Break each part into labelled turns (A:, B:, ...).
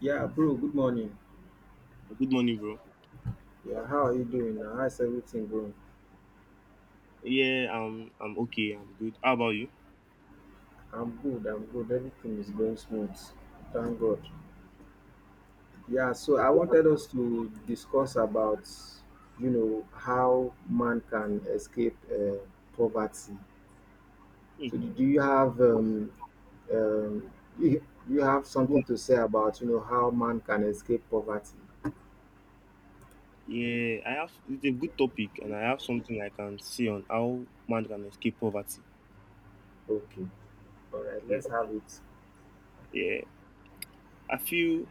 A: Yeah, bro, good morning.
B: Good morning, bro.
A: Yeah, how are you doing now? How's everything going?
B: Yeah, I'm okay. I'm good. How about you?
A: I'm good, I'm good. Everything is going smooth. Thank God. Yeah, so I wanted us to discuss about, how man can escape poverty.
B: Hmm.
A: So do you have um, you have
B: Yeah,
A: something to say about, how man can escape poverty?
B: Yeah, I have it's a good topic, and I have something I can say on how man can escape poverty.
A: Okay. All right,
B: Yeah,
A: let's have it.
B: yeah. I feel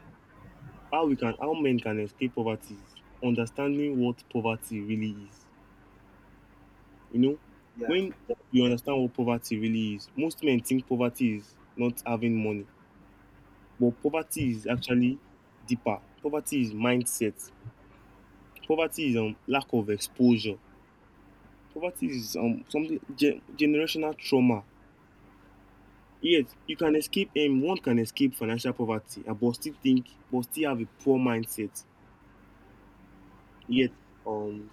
B: how men can escape poverty is understanding what poverty really is. You know,
A: Yeah,
B: when you understand what poverty really is, most men think poverty is not having money, but poverty is actually deeper. Poverty is mindset. Poverty is lack of exposure. Poverty is something generational trauma. Yes, you can escape one can escape financial poverty, but still have a poor mindset. Yet um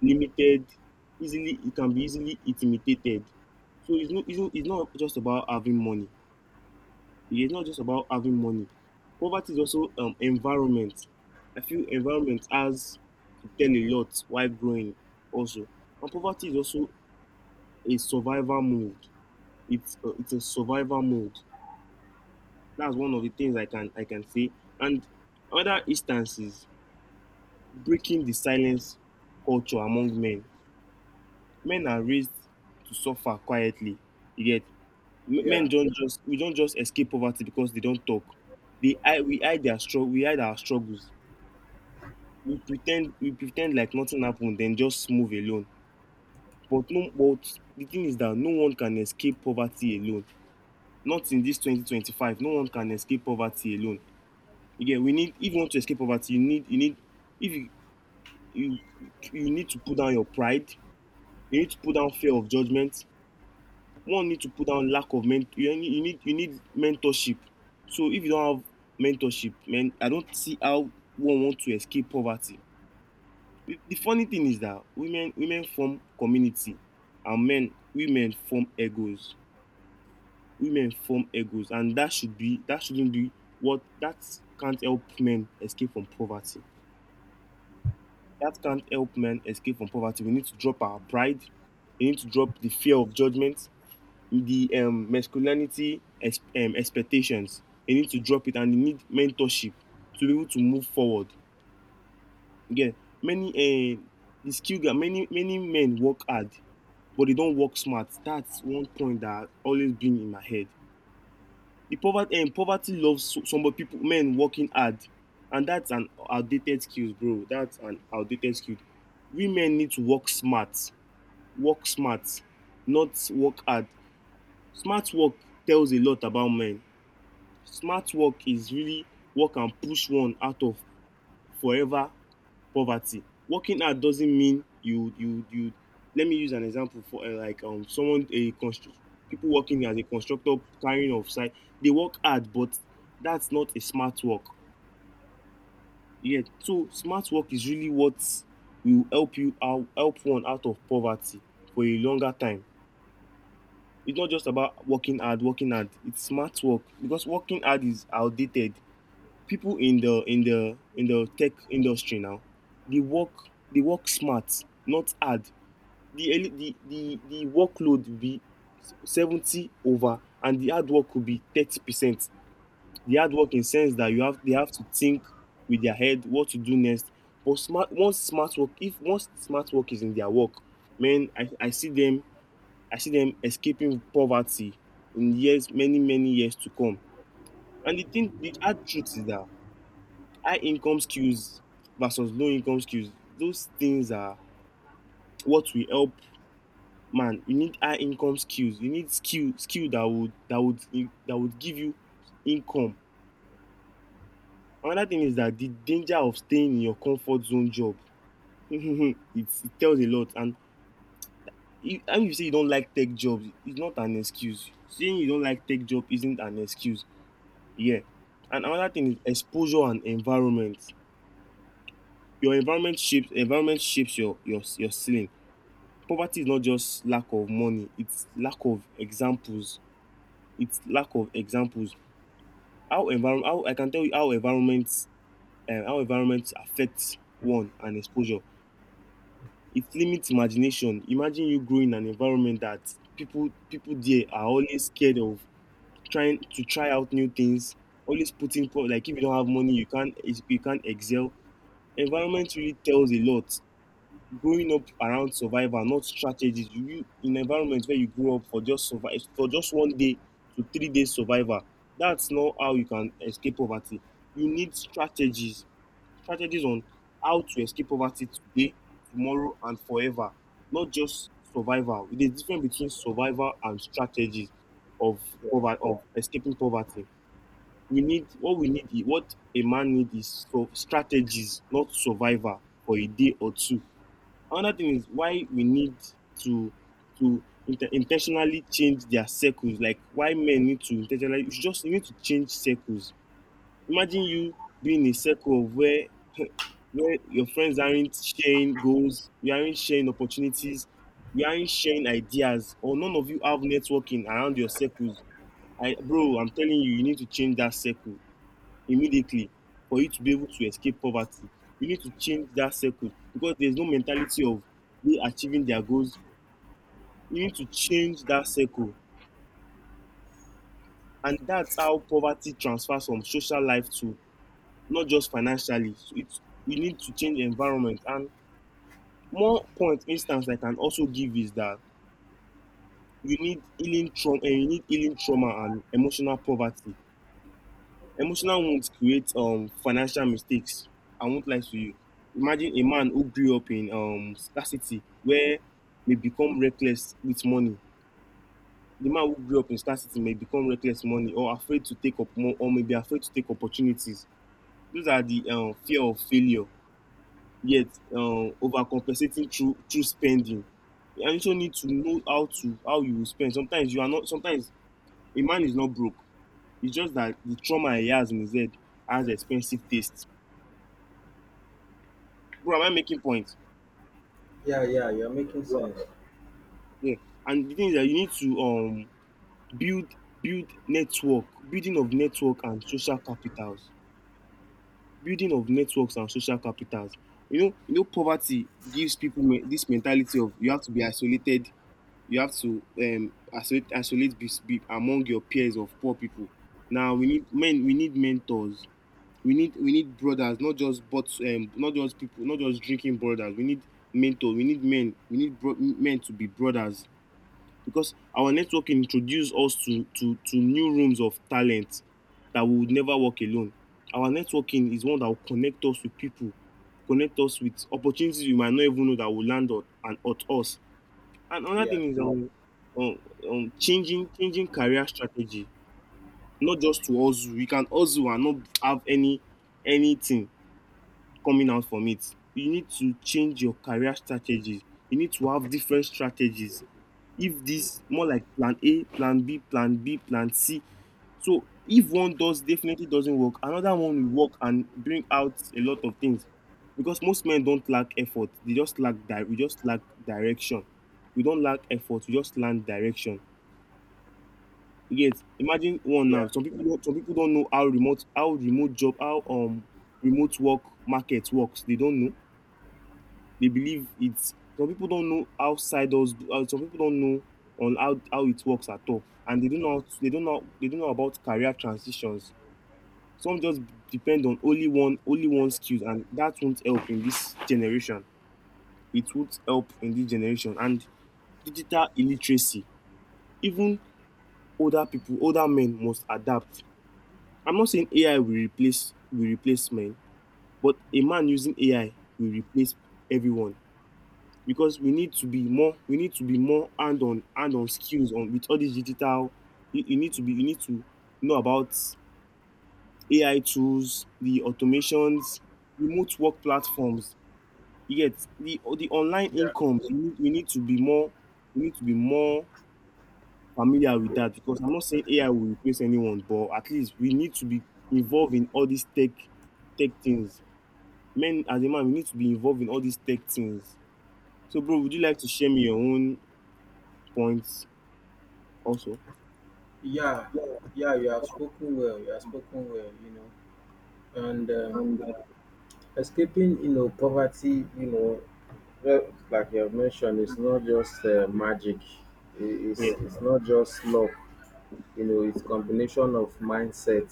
B: limited, easily it can be easily intimidated. So it's not just about having money. It's not just about having money. Poverty is also environment. I feel environment has to tell a lot while growing also. And poverty is also a survival mode. It's it's a survival mode. That's one of the things I can say. And other instances, breaking the silence culture among men. Men are raised to suffer quietly. You get. Men
A: yeah,
B: don't just We don't just escape poverty because they don't talk. They hide we hide our struggles. We pretend like nothing happened, then just move alone. But no but the thing is that no one can escape poverty alone. Not in this 2025, no one can escape poverty alone. Again, we need if you want to escape poverty, you need if you you you need to put down your pride, you need to put down fear of judgment. One need to put down lack of ment You need mentorship. So if you don't have mentorship, man, I don't see how one want to escape poverty. The funny thing is that women form community, and men women form egos. Women form egos, and that shouldn't be what that can't help men escape from poverty. That can't help men escape from poverty. We need to drop our pride. We need to drop the fear of judgment, the masculinity expectations. They need to drop it, and they need mentorship to be able to move forward. Again, many the skill gap, many men work hard, but they don't work smart. That's one point that always been in my head. The poverty loves, so some of people men working hard, and that's an outdated skill, bro. That's an outdated skill. Women need to work smart. Work smart, not work hard. Smart work tells a lot about men. Smart work is really work and push one out of forever poverty. Working hard doesn't mean you. Let me use an example for people working as a constructor carrying off site. They work hard, but that's not a smart work. Yeah, so smart work is really what will help one out of poverty for a longer time. It's not just about working hard, working hard. It's smart work because working hard is outdated. People in the tech industry now, they work they work smart, not hard. The eli- the the, the workload will be 70 over, and the hard work could be 30%. The hard work in sense that you have they have to think with their head what to do next. But smart once smart work if once smart work is in their work, man, I see them. I see them escaping poverty in years many years to come. And the hard truth is that high income skills versus low income skills, those things are what will help man. You need high income skills. You need skill that would give you income. Another thing is that the danger of staying in your comfort zone job it tells a lot. And if, and you say you don't like tech jobs, it's not an excuse. Saying you don't like tech job isn't an excuse, yeah. And another thing is exposure and environment. Your environment shapes your ceiling. Poverty is not just lack of money, it's lack of examples. It's lack of examples. How I can tell you how environments affect one and exposure. It limits imagination. Imagine you grow in an environment that people there are always scared of try out new things, always putting like if you don't have money, you can't excel. Environment really tells a lot. Growing up around survival, not strategies. You, in environment where you grew up for just one day to 3 days survival. That's not how you can escape poverty. You need strategies, strategies on how to escape poverty today, tomorrow, and forever. Not just survival. There's a difference between survival and strategies of
A: yeah.
B: of escaping poverty. We need. What a man needs is so strategies, not survival for a day or two. Another thing is why we need to intentionally change their circles. Like why men need to intentionally, you should just you need to change circles. Imagine you being in a circle of where your friends aren't sharing goals, you aren't sharing opportunities, you aren't sharing ideas, or none of you have networking around your circles. I Bro, I'm telling you, you need to change that circle immediately for you to be able to escape poverty. You need to change that circle because there's no mentality of they achieving their goals. You need to change that circle, and that's how poverty transfers from social life to not just financially. So it's you need to change the environment. And one point instance I can also give is that you need healing trauma. You need healing trauma and emotional poverty. Emotional wounds create financial mistakes. I won't lie to you. Imagine a man who grew up in scarcity, where they become reckless with money. The man who grew up in scarcity may become reckless money, or afraid to take up more, or may be afraid to take opportunities. Those are the fear of failure. Yet overcompensating through spending. And you also need to know how you will spend. Sometimes you are not sometimes a man is not broke. It's just that the trauma he has in his head has expensive taste. Bro, am I making point?
A: Yeah, yeah, you're making
B: Yeah,
A: sense.
B: yeah. And the thing is that you need to build build network, building of network and social capitals. Building of networks and social capitals. Poverty gives people this mentality of you have to be isolated, you have to isolate, isolate be among your peers of poor people. Now we need men, we need mentors, we need brothers, not just people, not just drinking brothers. We need mentor, we need men, we need men to be brothers, because our network introduced us to new rooms of talent that we would never work alone. Our networking is one that will connect us with people, connect us with opportunities we might not even know that will land on and at us. And another
A: Yeah,
B: thing is um, changing career strategy. Not just to hustle. You can hustle and not have anything coming out from it. You need to change your career strategy. You need to have different strategies. If this more like plan A, plan B, plan C. So if one does definitely doesn't work, another one will work and bring out a lot of things. Because most men don't lack effort. They just lack di- We just lack direction. We don't lack effort, we just lack direction. Yes, imagine one now.
A: yeah,
B: Some people don't know how remote work market works. They don't know. They believe it's Some people don't know how ciders, some people don't know on how it works at all. And they don't know about career transitions. Some just depend on only one skill, and that won't help in this generation. It won't help in this generation. And digital illiteracy, even older men must adapt. I'm not saying AI will replace men, but a man using AI will replace everyone. Because we need to be more hand on skills on with all these digital. You need to know about AI tools, the automations, remote work platforms. Yet the online
A: yeah.
B: income we need to be more we need to be more familiar with that because I'm not saying AI will replace anyone, but at least we need to be involved in all these tech things. Men as a man, we need to be involved in all these tech things. So, bro, would you like to share me your own points also?
A: Yeah, yeah, you have spoken well. You have spoken well. And escaping, poverty, well, like you have mentioned, it's not just magic. It's
B: Yeah,
A: not just luck. It's combination of mindset,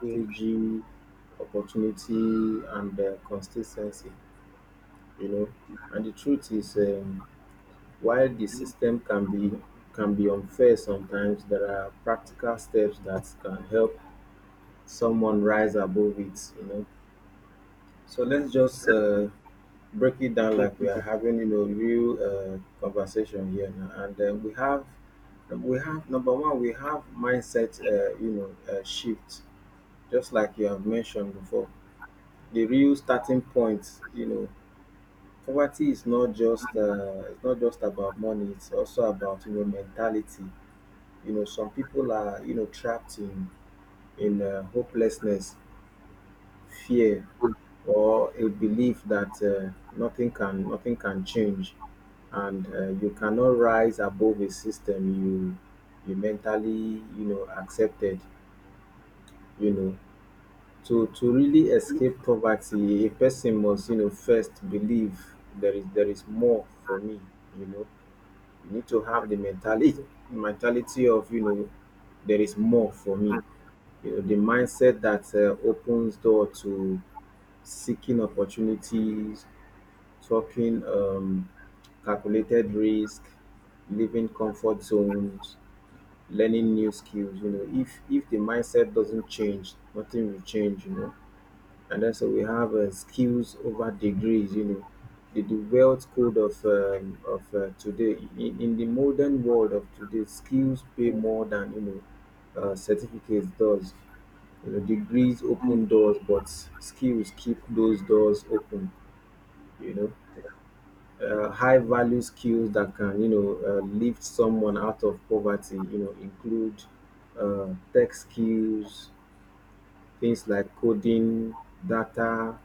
B: yeah,
A: opportunity, and consistency. You know, and the truth is, while the system can be unfair sometimes, there are practical steps that can help someone rise above it. So let's just break it down
B: let
A: like we
B: do
A: are
B: that.
A: having, real conversation here now. And we have number one, we have mindset, shift. Just like you have mentioned before, the real starting point. Poverty is not just, it's not just about money. It's also about mentality. Some people are trapped in hopelessness, fear, or a belief that nothing can change, and you cannot rise above a system you mentally accepted. you know to really escape poverty, a person must first believe there is more for me you know you need to have the mentality of there is more for me, the mindset that opens door to seeking opportunities, talking calculated risk, living comfort zones, learning new skills. If the mindset doesn't change, nothing will change. And then so we have skills over degrees. The wealth code of today in the modern world of today, skills pay more than certificates does. Degrees open doors, but skills keep those doors open. You know high value skills that can lift someone out of poverty include tech skills, things like coding, data,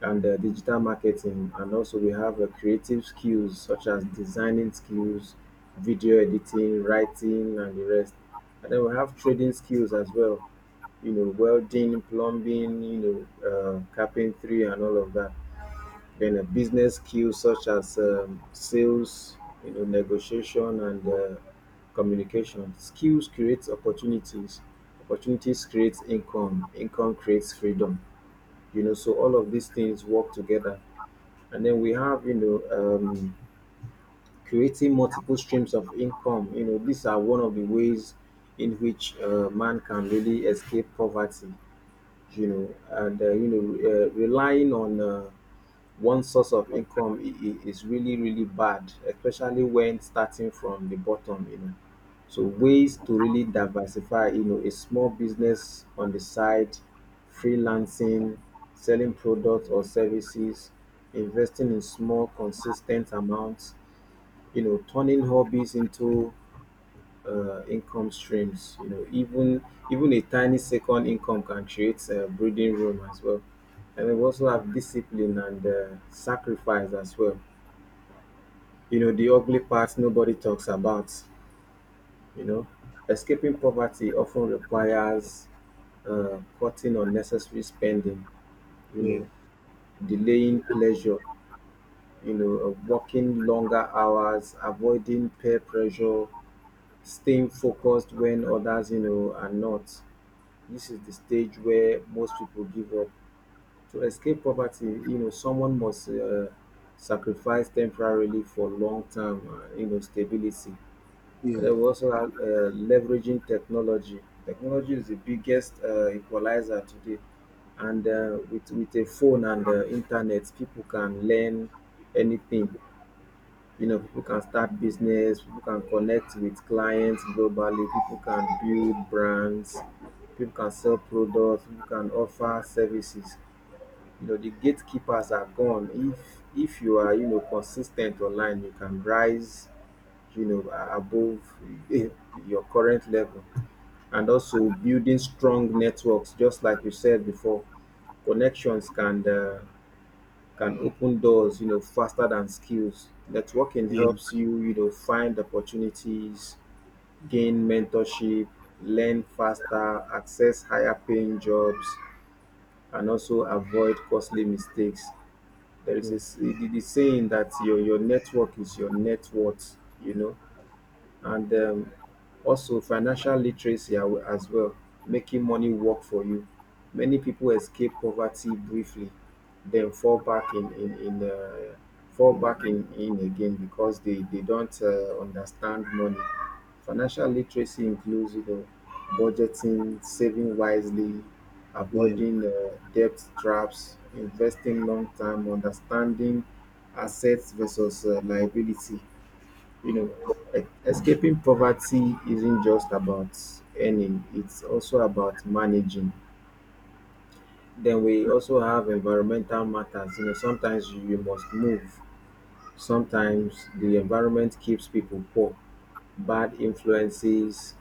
A: and digital marketing. And also we have creative skills such as designing skills, video editing, writing, and the rest. And then we have trading skills as well. Welding, plumbing, carpentry, and all of that. Then a business skills such as sales, negotiation, and communication. Skills creates opportunities. Opportunities creates income. Income creates freedom. So all of these things work together. And then we have, creating multiple streams of income. These are one of the ways in which man can really escape poverty. And relying on one source of income is really really bad, especially when starting from the bottom. So ways to really diversify: a small business on the side, freelancing, selling products or services, investing in small consistent amounts, turning hobbies into income streams. Even a tiny second income can create breathing room as well. And we also have discipline and sacrifice as well. The ugly part nobody talks about. You know, escaping poverty often requires cutting unnecessary spending. You
B: Yeah,
A: know, delaying pleasure. Working longer hours, avoiding peer pressure, staying focused when others are not. This is the stage where most people give up. To escape poverty, someone must sacrifice temporarily for long-term, stability. And
B: yeah,
A: then we also have leveraging technology. Technology is the biggest equalizer today. And with a phone and internet, people can learn anything. People can start business, people can connect with clients globally, people can build brands, people can sell products, people can offer services. The gatekeepers are gone. If you are consistent online, you can rise, above eh, your current level. And also building strong networks, just like you said before, connections can open doors, faster than skills. Networking
B: yeah,
A: helps you, find opportunities, gain mentorship, learn faster, access higher paying jobs, and also avoid costly mistakes. There is a,
B: yeah,
A: the saying that your network is your net worth. And also financial literacy as well, making money work for you. Many people escape poverty briefly, then fall back in, fall back in again, because they don't understand money. Financial literacy includes budgeting, saving wisely,
B: yeah,
A: avoiding debt traps, investing long term, understanding assets versus liability. you know, escaping poverty isn't just about earning, it's also about managing. Then we also have environmental matters. Sometimes you must move, sometimes the environment keeps people poor, bad influences,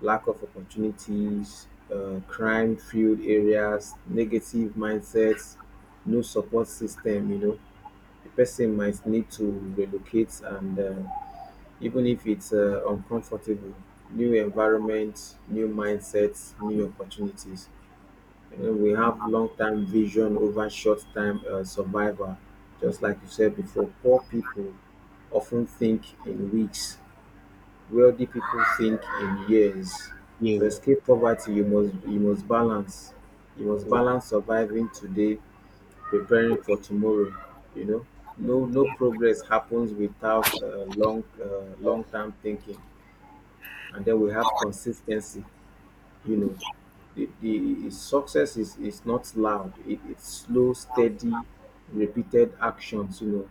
A: lack of opportunities, crime field areas, negative mindsets, no support system. The person might need to relocate and even if it's uncomfortable, new environment, new mindsets, new opportunities. And then we have long term vision over short term survival. Just like you said before, poor people often think in weeks, wealthy people think in years. To
B: yeah,
A: escape poverty, you must balance, you must
B: yeah,
A: balance surviving today, preparing for tomorrow. you know no No progress happens without long term thinking. And then we have consistency. you know the success is not loud, it, it's slow, steady, repeated actions.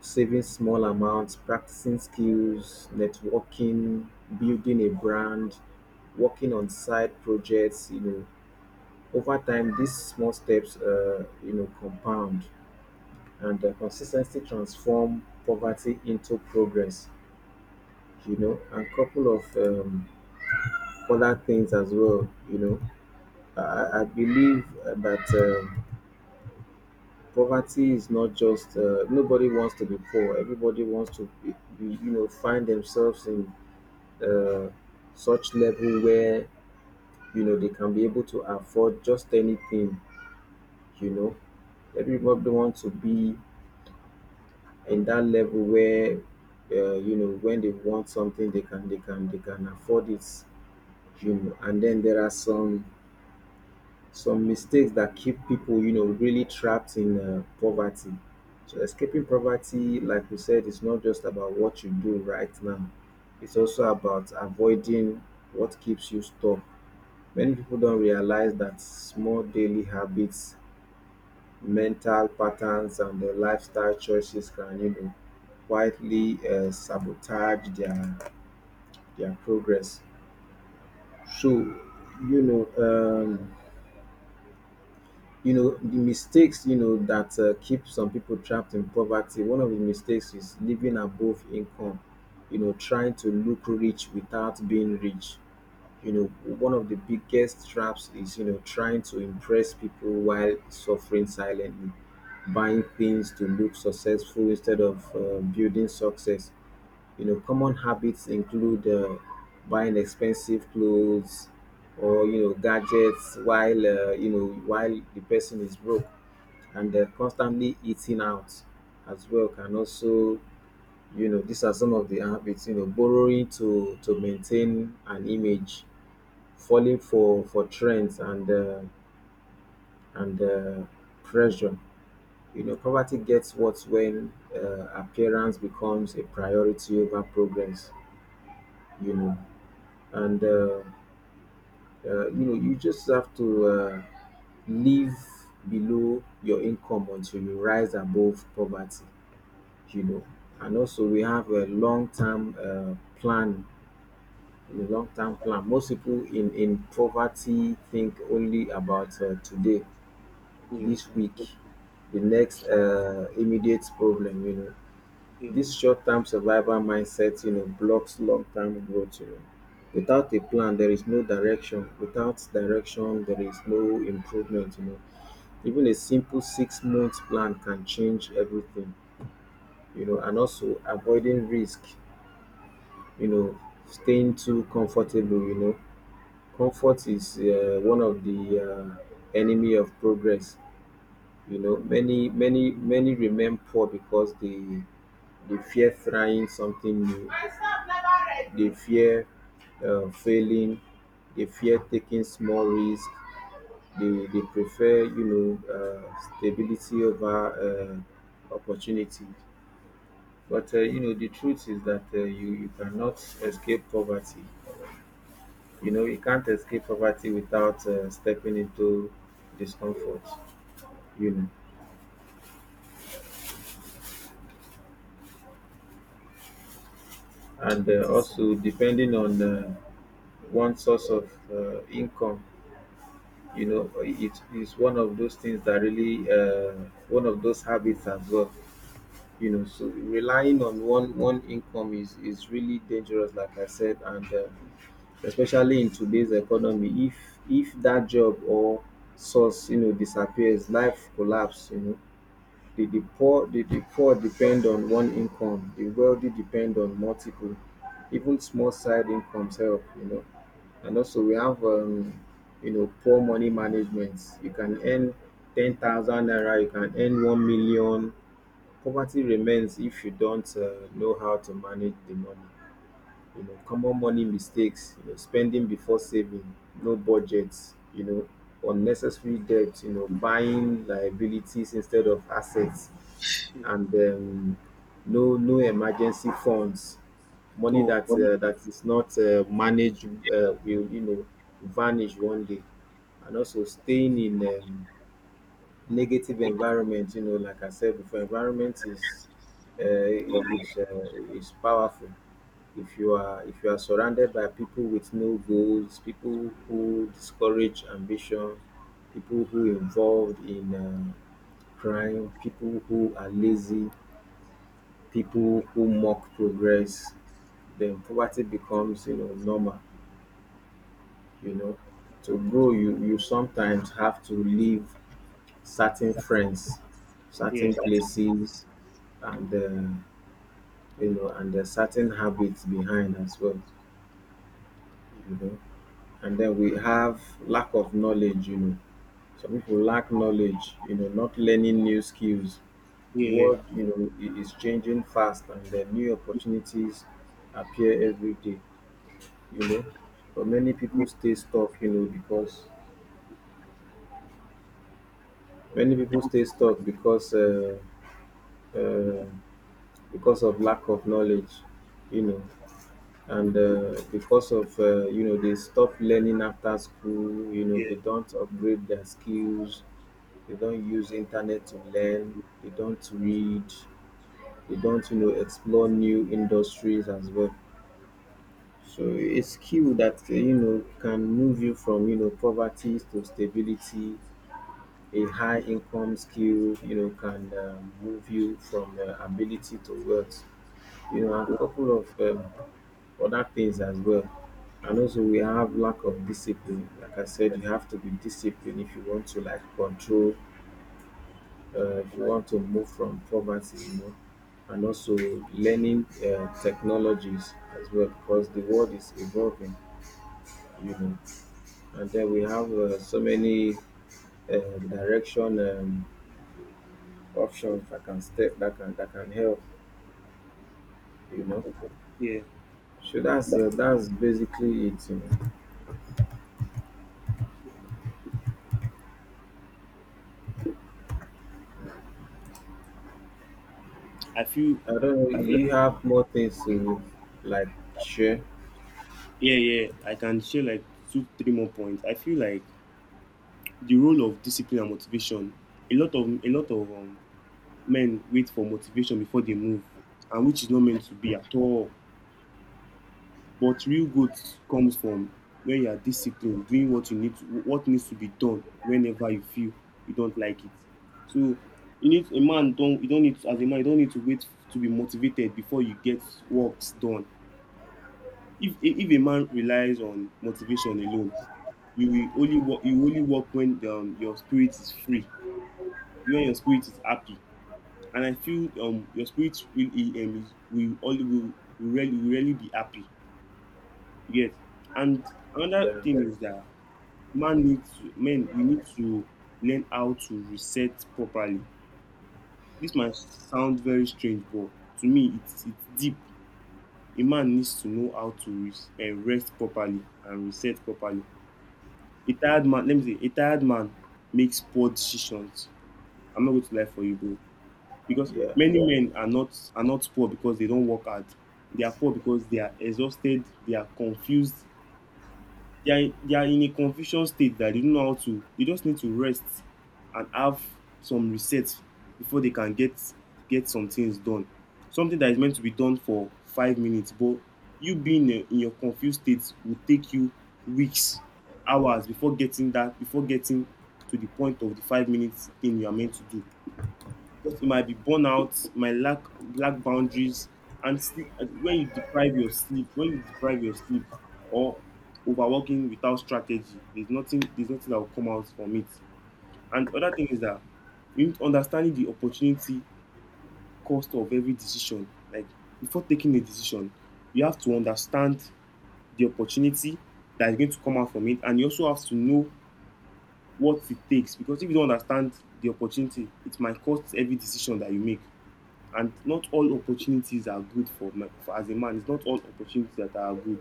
A: Saving small amounts, practicing skills, networking, building a brand, working on side projects. Over time these small steps compound, and consistency transform poverty into progress. And couple of other things as well. I believe that um, poverty is not just nobody wants to be poor. Everybody wants to find themselves in uh, such level where they can be able to afford just anything. You know, everybody wants to be in that level where when they want something, they can afford it. And then there are some mistakes that keep people, really trapped in poverty. So escaping poverty, like we said, is not just about what you do right now. It's also about avoiding what keeps you stuck. Many people don't realize that small daily habits, mental patterns, and their lifestyle choices can, quietly sabotage their progress. So, you know, um, the mistakes that keep some people trapped in poverty, one of the mistakes is living above income, trying to look rich without being rich. you know One of the biggest traps is trying to impress people while suffering silently, buying things to look successful instead of building success. Common habits include buying expensive clothes or gadgets while while the person is broke, and constantly eating out as well can also. These are some of the habits. Borrowing to maintain an image, falling for trends and and uh, pressure. Poverty gets worse when appearance becomes a priority over progress. You know. And you know You just have to live below your income until you rise above poverty. you know and also we have a long-term plan, a long-term plan. Most people in poverty think only about today,
B: yeah,
A: this week, the next immediate problem.
B: yeah,
A: This short-term survival mindset blocks long-term growth. Without a plan there is no direction, without direction there is no improvement. Even a simple 6-month plan can change everything. And also avoiding risk, you know staying too comfortable. Comfort is one of the uh, enemy of progress. Many remain poor because they fear trying something new, they fear failing, they fear taking small risks, they prefer stability over opportunity. But the truth is that you cannot escape poverty, you can't escape poverty without stepping into discomfort. you know and yes. Also depending on one source of income. You know it is one of those things that really one of those habits as well. You know, so relying on one income is really dangerous, like I said. And especially in today's economy, if that job or source, you know, disappears, life collapse, you know. The poor, the poor depend on one income; the wealthy depend on multiple. Even small side incomes help, you know. And also we have you know, poor money management. You can earn 10,000 naira, you can earn 1 million. Poverty remains if you don't know how to manage the money, you know. Common money mistakes, you know, spending before saving, no budgets, you know, unnecessary debt, you know, buying liabilities instead of assets.
B: yeah.
A: And no emergency funds. Money
B: So,
A: that that is not managed will, you know, vanish one day. And also staying in negative environment. You know, like I said before, environment is uh, is uh, is powerful. If you are surrounded by people with no goals, people who discourage ambition, people who involved in crime, people who are lazy, people who mock progress, then poverty becomes, you know, normal, you know. To grow, you sometimes have to leave certain friends,
B: yeah,
A: certain places, and you know, and certain habits behind as well, you know. And then we have lack of knowledge, you know. Some people lack knowledge, you know, not learning new skills. The
B: yeah,
A: world,
B: yeah,
A: you know, is changing fast, and then new opportunities appear every day, you know. But many people stay stuck, you know, because many people stay stuck uh, because of lack of knowledge, you know. And because of you know, they stop learning after school, you know,
B: yeah,
A: they don't upgrade their skills, they don't use internet to learn, they don't read, they don't, you know, explore new industries as well. So a skill that you know, can move you from, you know, poverty to stability. A high income skill, you know, can move you from ability to wealth, you know. And a couple of other things as well. And also we have lack of discipline, like I said. You have to be disciplined if you want to like control if you want to move from poverty, you know. And also learning technologies as well, because the world is evolving, you know. And then we have so many uh, direction options that can step that can help, you know.
B: yeah.
A: So that's basically it, you know.
B: I feel,
A: I don't know.
B: I feel,
A: You have more things to like share?
B: yeah, yeah. I can share like two, three more points. I feel like the role of discipline and motivation. A lot of men wait for motivation before they move, and which is not meant to be at all. But real growth comes from when you are disciplined, doing what you need to, what needs to be done whenever you feel you don't like it. So you don't need to, as a man you don't need to wait to be motivated before you get works done. If a man relies on motivation alone, you will only work when your spirit is free, when your spirit is happy. And I feel your spirit will e- is- will only will really be happy. You get. And another
A: Yeah,
B: thing is that man needs to men we need to learn how to reset properly. This might sound very strange, but to me it's deep. A man needs to know how to rest properly and reset properly. A tired man makes poor decisions. I'm not going to lie for you, bro, because
A: yeah,
B: many men are not poor because they don't work hard. They are poor because they are exhausted, they are confused, they are in a confusion state that they don't know how to. They just need to rest and have some reset before they can get some things done. Something that is meant to be done for 5 minutes, but you being in your confused state will take you weeks, hours, before getting that before getting to the point of the 5 minutes thing you are meant to do, because it might be burnout, my lack boundaries, and sleep. When you deprive your sleep, or overworking without strategy, there's nothing. There's nothing that will come out from it. And other thing is that you need understanding the opportunity cost of every decision. Like before taking a decision, you have to understand the opportunity that is going to come out from it, and you also have to know what it takes. Because if you don't understand the opportunity, it might cost every decision that you make, and not all opportunities are good for as a man. It's not all opportunities that are good,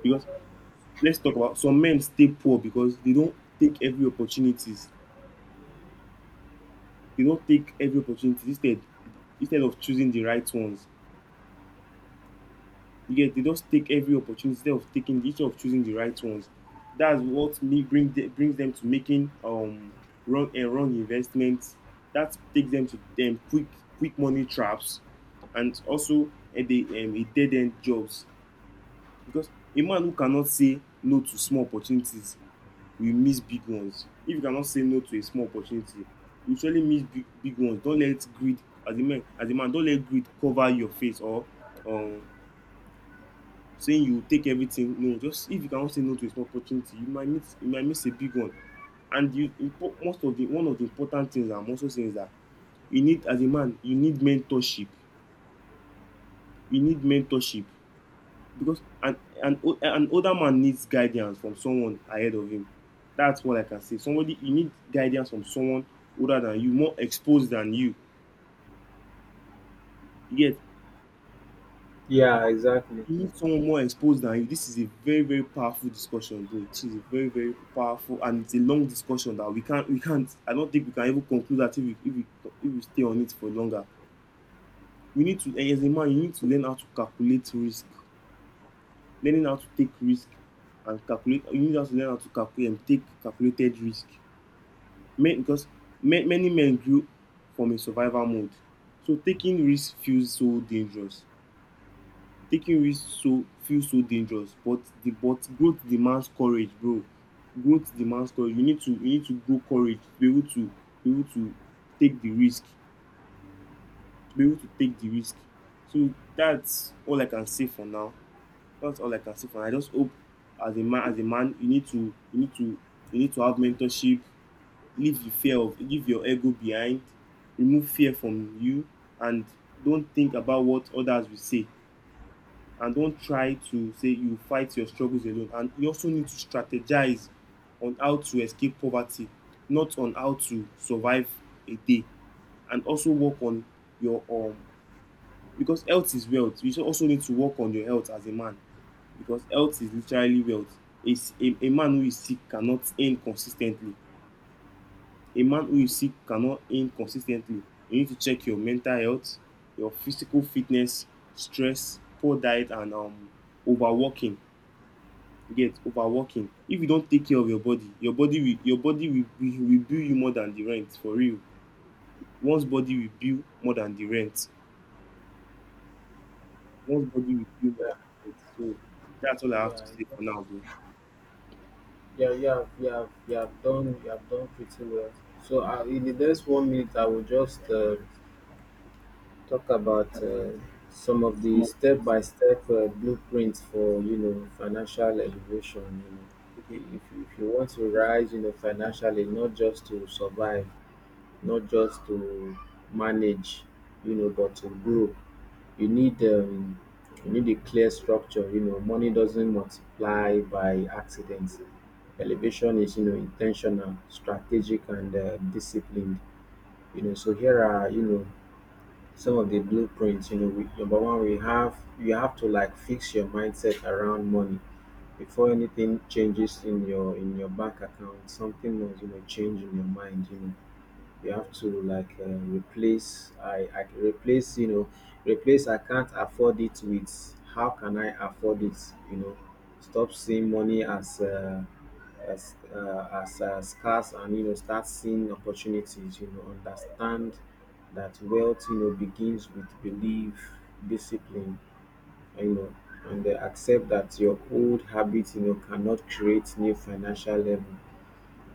B: because let's talk about some men stay poor because they don't take every opportunities. They don't take every opportunity instead of choosing the right ones. You get, they just take every opportunity instead of taking instead of choosing the right ones. That's what brings them to making wrong and wrong investments. That takes them to them quick money traps, and also eh, the dead end jobs. Because a man who cannot say no to small opportunities will miss big ones. If you cannot say no to a small opportunity, you surely miss big ones. Don't let greed, as a man, don't let greed cover your face or um saying you take everything. No, just if you cannot say no to a small opportunity, you might miss a big one. And you impo- most of the one of the important things I'm also saying is that you need, as a man, you need mentorship. You need mentorship, because an older man needs guidance from someone ahead of him. That's what I can say. Somebody, you need guidance from someone older than you, more exposed than you. You get,
A: yeah. Exactly.
B: you need someone more exposed than you. This is a very, very powerful discussion, bro. This is a very, very powerful, and it's a long discussion that we can't. I don't think we can even conclude that if we stay on it for longer. We need to, as a man, you need to learn how to calculate risk, learning how to take risk and calculate. You need to learn how to calculate and take calculated risk. Men, because many men grew from a survival mode. So taking risks feels so dangerous. But the but growth demands courage, bro. Growth demands courage. You need to grow courage to be able to be able to take the risk. To be able to take the risk. So that's all I can say for now. That's all I can say for now. I just hope, as a man, you need to you need to have mentorship, leave the fear of, leave your ego behind, remove fear from you, and don't think about what others will say, and don't try to say you fight your struggles alone, and you also need to strategize on how to escape poverty, not on how to survive a day. And also work on your because health is wealth, you so also need to work on your health as a man, because health is literally wealth. It's A man who is sick cannot earn consistently. A man who is sick cannot aim consistently. You need to check your mental health, your physical fitness, stress, poor diet, and overworking. You get overworking. If you don't take care of your body, will bill you more than the rent, for real. One's body will bill more than the rent. One's body will bill more
A: Yeah,
B: than the rent. So that's all I have to say
A: yeah.
B: for now,
A: Yeah, you have, you have done, you have done pretty well. So in the next one minute, I will just talk about some of the
B: bro.
A: step-by-step blueprints for, you know, financial elevation. You
B: Okay.
A: know, if you want to rise, you know, financially, not just to survive, not just to manage, you know, but to grow, you need um, you need a clear structure. You know, money doesn't multiply by accident. Elevation is, you know, intentional, strategic, and disciplined. You know, so here are, you know, some of the blueprints. You know, we, number one, we have, you have to like fix your mindset around money. Before anything changes in your, in your bank account, something must, you know, change in your mind. You know, you have to like replace I replace, you know, replace "I can't afford it" with "how can I afford it," you know. Stop seeing money as scarce, and you know, start seeing opportunities, you know. Understand that wealth, you know, begins with belief, discipline, you know. And accept that your old habits, you know, cannot create new financial level.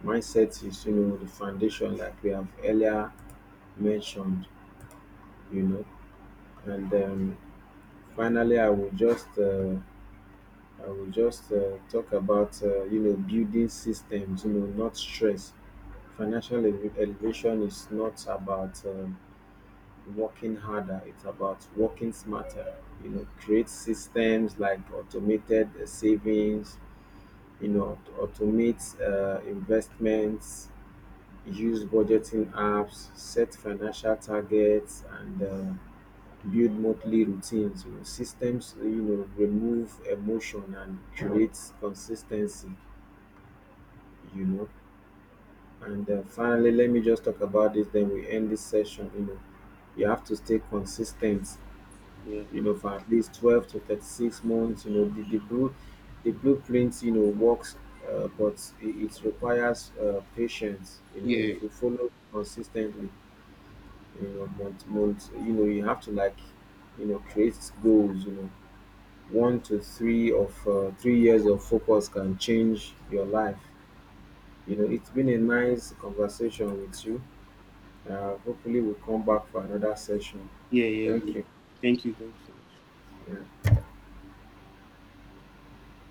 A: Mindset is, you know, the foundation, like we have earlier mentioned, you know. And finally, I will just talk about you know, building systems, you know, not stress. Financial elevation is not about working harder; it's about working smarter. You know, create systems like automated savings. You know, automate investments, use budgeting apps, set financial targets, and build monthly routines, you know, systems, you know, remove emotion and create consistency, you know. And finally, let me just talk about this, then we end this session. You know, you have to stay consistent,
B: Yeah.
A: you know, for at least 12 to 36 months. You know, the blueprint, you know, works, but it requires patience, you know.
B: Yeah.
A: If you follow consistently, you know, month to month, you know, you have to like, you know, create goals, you know, one to three of three years of focus can change your life. You know, it's been a nice conversation with you. Hopefully, we'll come back for another session.
B: Yeah. Yeah.
A: Thank
B: Bro.
A: you.
B: Thank you. Thank you so much.
A: Yeah.